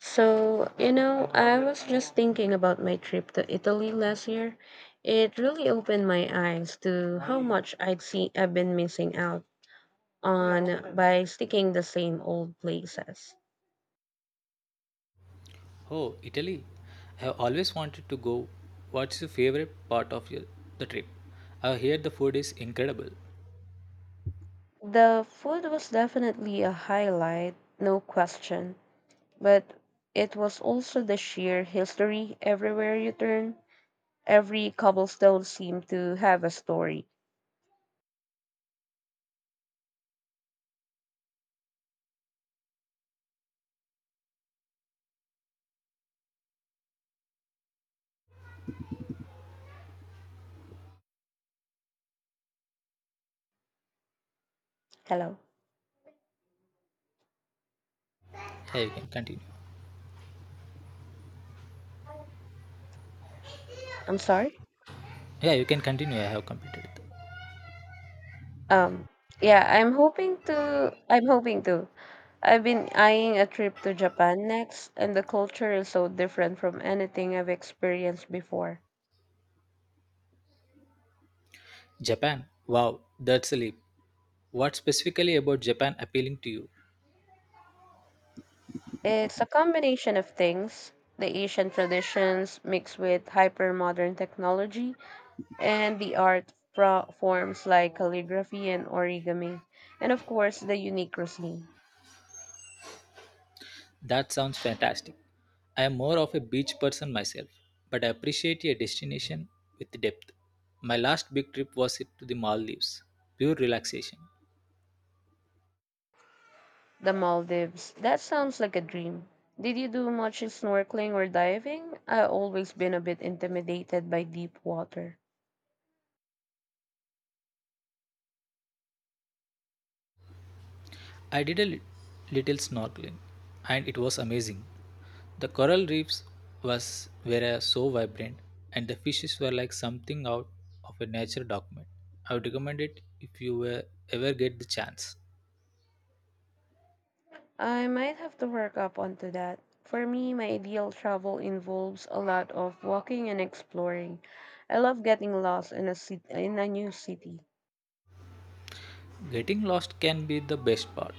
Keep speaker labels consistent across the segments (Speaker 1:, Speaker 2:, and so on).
Speaker 1: So, I was just thinking about my trip to Italy last year. It really opened my eyes to how much I've been missing out on by sticking the same old places.
Speaker 2: Oh, Italy. I have always wanted to go. What's your favorite part of the trip? I hear the food is incredible.
Speaker 1: The food was definitely a highlight, no question, but it was also the sheer history everywhere you turn. Every cobblestone seemed to have a story. Hello.
Speaker 2: Yeah, you can continue.
Speaker 1: I'm sorry?
Speaker 2: Yeah, you can continue. I have completed it.
Speaker 1: Um, yeah, I'm hoping to. I'm hoping to. I've been eyeing a trip to Japan next, and the culture is so different from anything I've experienced before.
Speaker 2: Japan. Wow, that's a leap. What specifically about Japan appealing to you?
Speaker 1: It's a combination of things, the Asian traditions mixed with hyper modern technology, and the art forms like calligraphy and origami, and of course, the unique cuisine.
Speaker 2: That sounds fantastic. I am more of a beach person myself, but I appreciate a destination with depth. My last big trip was it to the Maldives. Pure relaxation.
Speaker 1: The Maldives. That sounds like a dream. Did you do much snorkeling or diving? I've always been a bit intimidated by deep water.
Speaker 2: I did little snorkeling and it was amazing. The coral reefs was were so vibrant and the fishes were like something out of a nature document. I would recommend it if ever get the chance.
Speaker 1: I might have to work up onto that. For me, my ideal travel involves a lot of walking and exploring. I love getting lost in a city, in a new city.
Speaker 2: Getting lost can be the best part.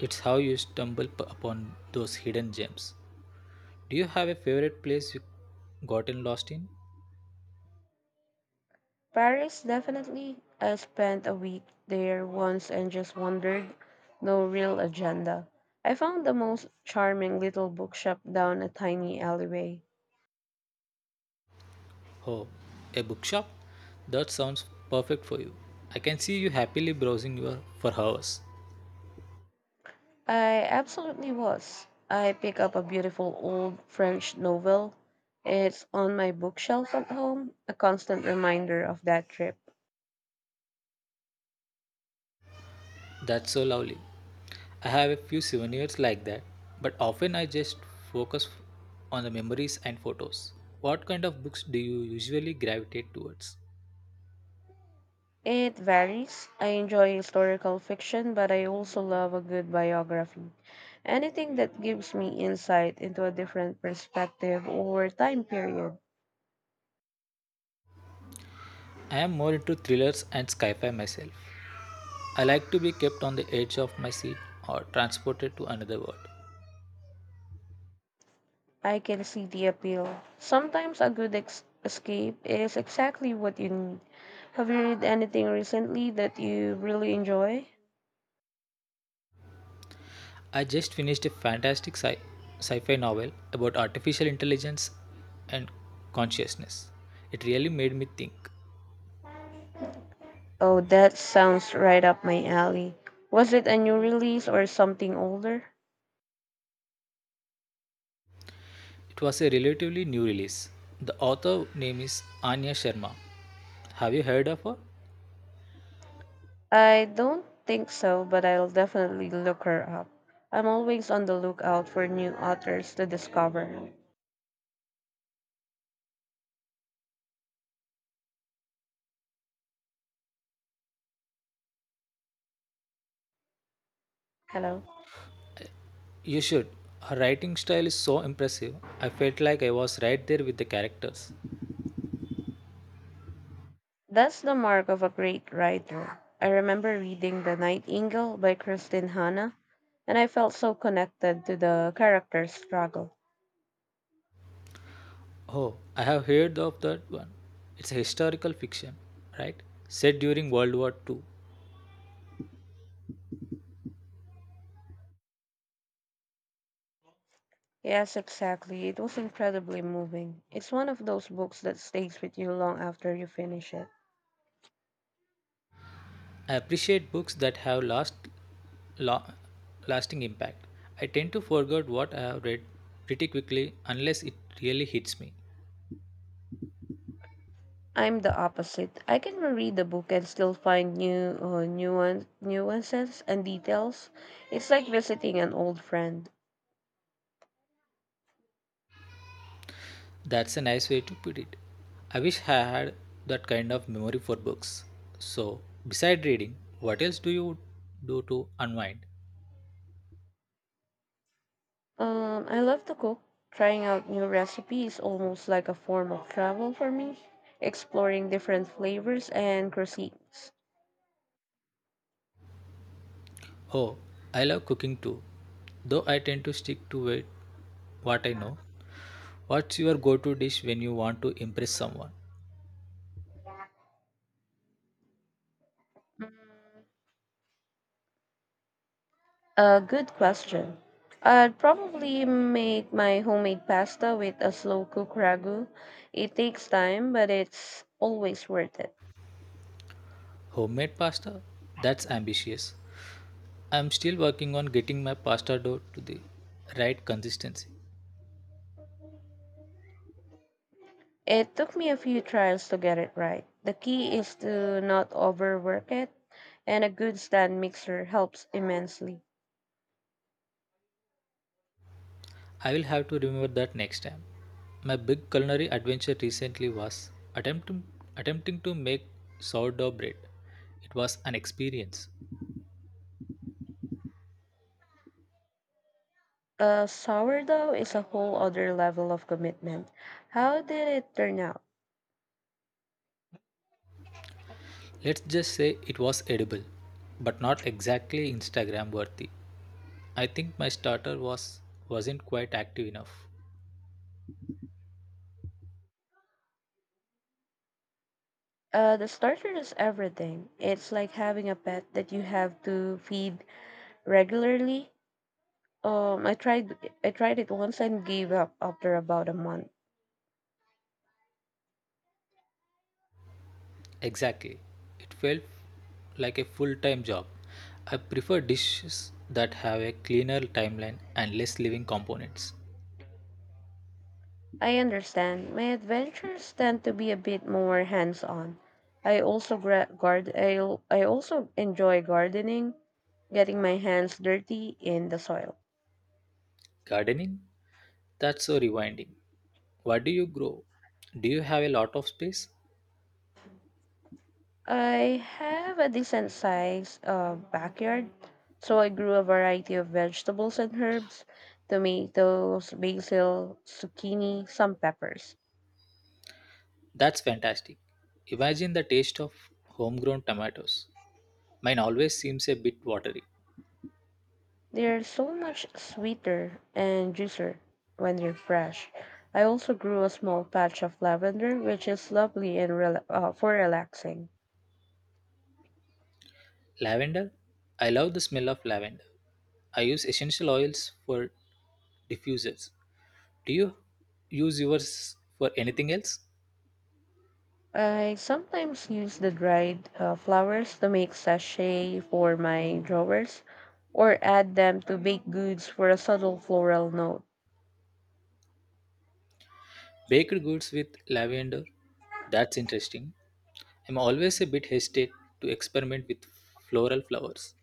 Speaker 2: It's how you upon those hidden gems. Do you have a favorite place you gotten lost in?
Speaker 1: Paris, definitely. I spent a week there once and just wandered. No real agenda. I found the most charming little bookshop down a tiny alleyway.
Speaker 2: Oh, a bookshop? That sounds perfect for you. I can see you happily browsing your for hours.
Speaker 1: I absolutely was. I pick up a beautiful old French novel. It's on my bookshelf at home, a constant reminder of that trip.
Speaker 2: That's so lovely. I have a few souvenirs like that, but often I just focus on the memories and photos. What kind of books do you usually gravitate towards?
Speaker 1: It varies. I enjoy historical fiction, but I also love a good biography. Anything that gives me insight into a different perspective or time period.
Speaker 2: I am more into thrillers and sci fi myself. I like to be kept on the edge of my seat or transported to another world.
Speaker 1: I can see the appeal. Sometimes a good escape is exactly what you need. Have you read anything recently that you really enjoy?
Speaker 2: I just finished a fantastic sci fi novel about artificial intelligence and consciousness. It really made me think.
Speaker 1: Oh, that sounds right up my alley. Was it a new release or something older?
Speaker 2: It was a relatively new release. The author name is Anya Sharma. Have you heard of her?
Speaker 1: I don't think so, but I'll definitely look her up. I'm always on the lookout for new authors to discover. Hello.
Speaker 2: You should. Her writing style is so impressive. I felt like I was right there with the characters.
Speaker 1: That's the mark of a great writer. I remember reading The Nightingale by Kristin Hanna, and I felt so connected to the character's struggle.
Speaker 2: Oh, I have heard of that one. It's a historical fiction, right? Set during World War II.
Speaker 1: Yes, exactly. It was incredibly moving. It's one of those books that stays with you long after you finish it.
Speaker 2: I appreciate books that have la- lasting impact. I tend to forget what I have read pretty quickly unless it really hits me.
Speaker 1: I'm the opposite. I can reread the book and still find new nuances and details. It's like visiting an old friend.
Speaker 2: That's a nice way to put it. I wish I had that kind of memory for books. So, beside reading, what else do you do to unwind?
Speaker 1: I love to cook. Trying out new recipes is almost like a form of travel for me, exploring different flavors and cuisines.
Speaker 2: Oh, I love cooking too, though I tend to what I know. What's your go to dish when you want to impress someone?
Speaker 1: A good question. I'd probably make my homemade pasta with a slow cook ragu. It takes time, but it's always worth it.
Speaker 2: Homemade pasta? That's ambitious. I'm still working on getting my pasta dough to the right consistency.
Speaker 1: It took me a few trials to get it right. The key is to not overwork it, and a good stand mixer helps immensely.
Speaker 2: I will have to remember that next time. My big culinary adventure recently was attempting to make sourdough bread. It was an experience.
Speaker 1: A sourdough is a whole other level of commitment. How did it turn out?
Speaker 2: Let's just say it was edible, but not exactly Instagram worthy. I think my starter was wasn't quite active enough.
Speaker 1: The starter is everything. It's like having a pet that you have to feed regularly. Um, I tried I tried it once and gave up after about a month.
Speaker 2: Exactly. It felt like a full-time job. I prefer dishes that have a cleaner timeline and less living components.
Speaker 1: I understand. My adventures tend to be a bit more hands-on. I also I also enjoy gardening, getting my hands dirty in the soil.
Speaker 2: Gardening. That's so rewinding. What do you grow? Do you have a lot of space?
Speaker 1: I have a decent sized backyard, so I grew a variety of vegetables and herbs, tomatoes, basil, zucchini, some peppers.
Speaker 2: That's fantastic. Imagine the taste of homegrown tomatoes. Mine always seems a bit watery.
Speaker 1: They're so much sweeter and juicier when they're fresh. I also grew a small patch of lavender, which is lovely and for relaxing.
Speaker 2: Lavender? I love the smell of lavender. I use essential oils for diffusers. Do you use yours for anything else?
Speaker 1: I sometimes use the dried flowers to make sachet for my drawers or add them to baked goods for a subtle floral note.
Speaker 2: Baked goods with lavender? That's interesting. I'm always a bit hesitant to experiment with floral flowers.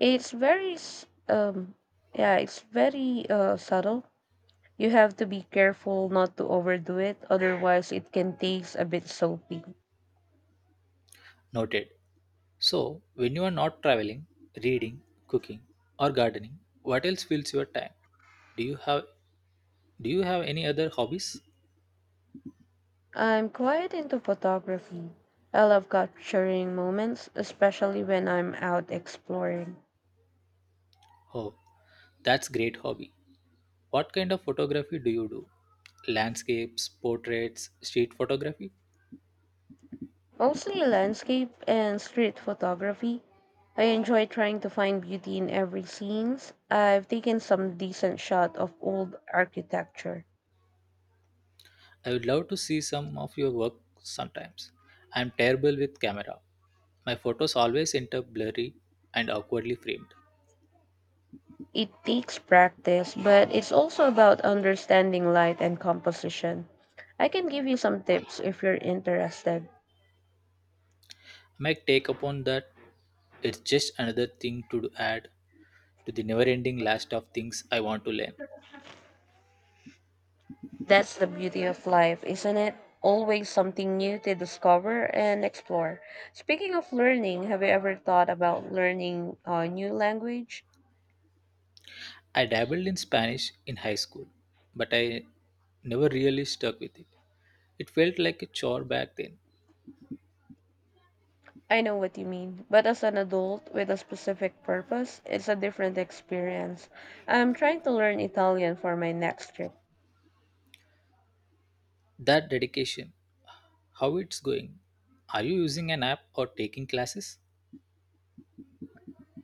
Speaker 1: It's very, s- um, yeah, it's very subtle. You have to be careful not to overdo it, otherwise, it can taste a bit soapy.
Speaker 2: Noted. So, when you are not traveling, reading, cooking, or gardening, what else fills your time? Do you have do you have any other hobbies?
Speaker 1: I'm quite into photography. I love capturing moments, especially when I'm out exploring.
Speaker 2: Oh, that's great hobby. What kind of photography do you do? Landscapes, portraits, street photography?
Speaker 1: Mostly landscape and street photography. I enjoy trying to find beauty in every scenes. I've taken some decent shot of old architecture.
Speaker 2: I would love to see some of your work sometimes. I'm terrible with camera. My photos always end up blurry and awkwardly framed.
Speaker 1: It takes practice, but it's also about understanding light and composition. I can give you some tips if you're interested.
Speaker 2: My take upon that it's just another thing to add to the never ending list of things I want to learn.
Speaker 1: That's the beauty of life, isn't it? Always something new to discover and explore. Speaking of learning, have you ever thought about learning a new language?
Speaker 2: I dabbled in Spanish in high school, but I never really stuck with it. It felt like a chore back then.
Speaker 1: I know what you mean, but as an adult with a specific purpose, it's a different experience. I'm trying to learn Italian for my next trip.
Speaker 2: That dedication, how it's going? Are you using an app or taking classes?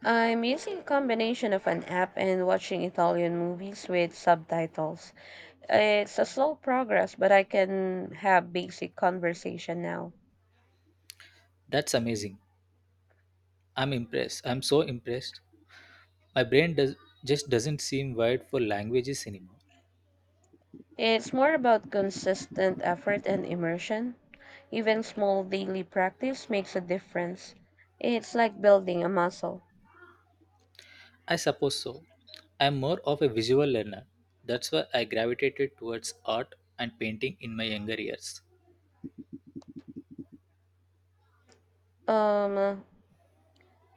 Speaker 1: I'm using a combination of an app and watching Italian movies with subtitles. It's a slow progress, but I can have basic conversation now.
Speaker 2: That's amazing. I'm so impressed. My brain does just doesn't seem wired for languages anymore.
Speaker 1: It's more about consistent effort and immersion. Even small daily practice makes a difference. It's like building a muscle.
Speaker 2: I suppose so. I'm more of a visual learner. That's why I gravitated towards art and painting in my younger years.
Speaker 1: Um,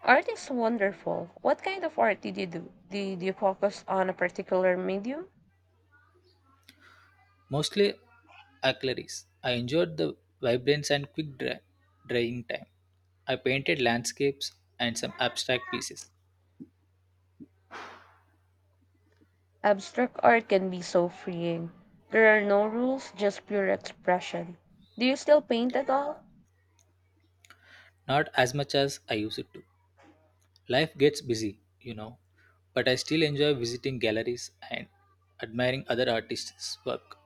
Speaker 1: Art is wonderful. What kind of art did you do? Did you focus on a particular medium?
Speaker 2: Mostly aquarelles. I enjoyed the vibrance and drying time. I painted landscapes and some abstract pieces,
Speaker 1: Abstract art can be so freeing. There are no rules, just pure expression. Do you still paint at all?
Speaker 2: not as much as I used to. Life gets busy, you know, but I still enjoy visiting galleries and admiring other artists' work.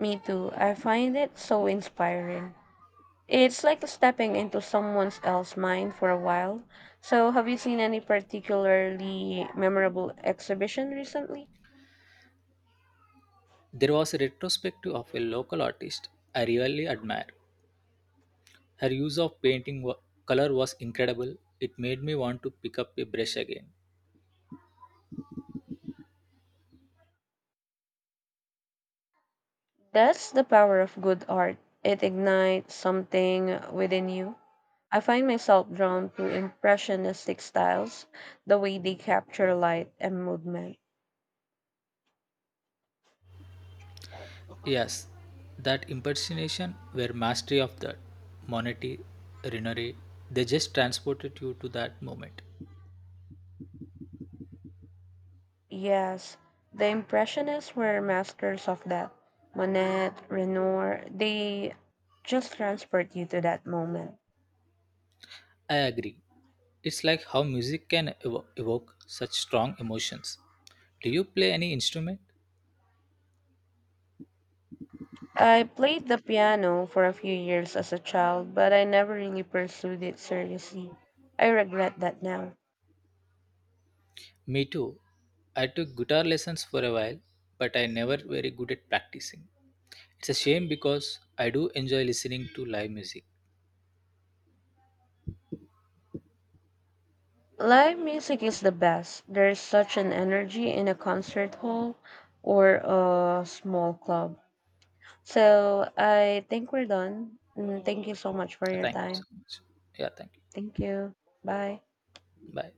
Speaker 1: Me too. I find it so inspiring. It's like stepping into someone else's mind for a while. So, have you seen any particularly memorable exhibition recently?
Speaker 2: There was a retrospective of a local artist I really admire. Her use of color was incredible. It made me want to pick up a brush again.
Speaker 1: That's the power of good art. It ignites something within you. I find myself drawn to impressionistic styles, the way they capture light and movement.
Speaker 2: Yes, that impersonation were mastery of that. Monetti, Rinari, they just transported you to that moment.
Speaker 1: Yes, the impressionists were masters of that. Monet, Renoir, they just transport you to that moment.
Speaker 2: I agree. It's like how music can evoke such strong emotions. Do you play any instrument?
Speaker 1: I played the piano for a few years as a child, but I never really pursued it seriously. I regret that now.
Speaker 2: Me too. I took guitar lessons for a while, but I never very good at practicing. It's a shame because I do enjoy listening to live music.
Speaker 1: Live music is the best. There is such an energy in a concert hall or a small club. So I think we're done. Mm, thank you so much for
Speaker 2: Yeah,
Speaker 1: your
Speaker 2: thank you so
Speaker 1: time.
Speaker 2: much. Yeah, thank
Speaker 1: Thank you. Bye.
Speaker 2: you. Bye.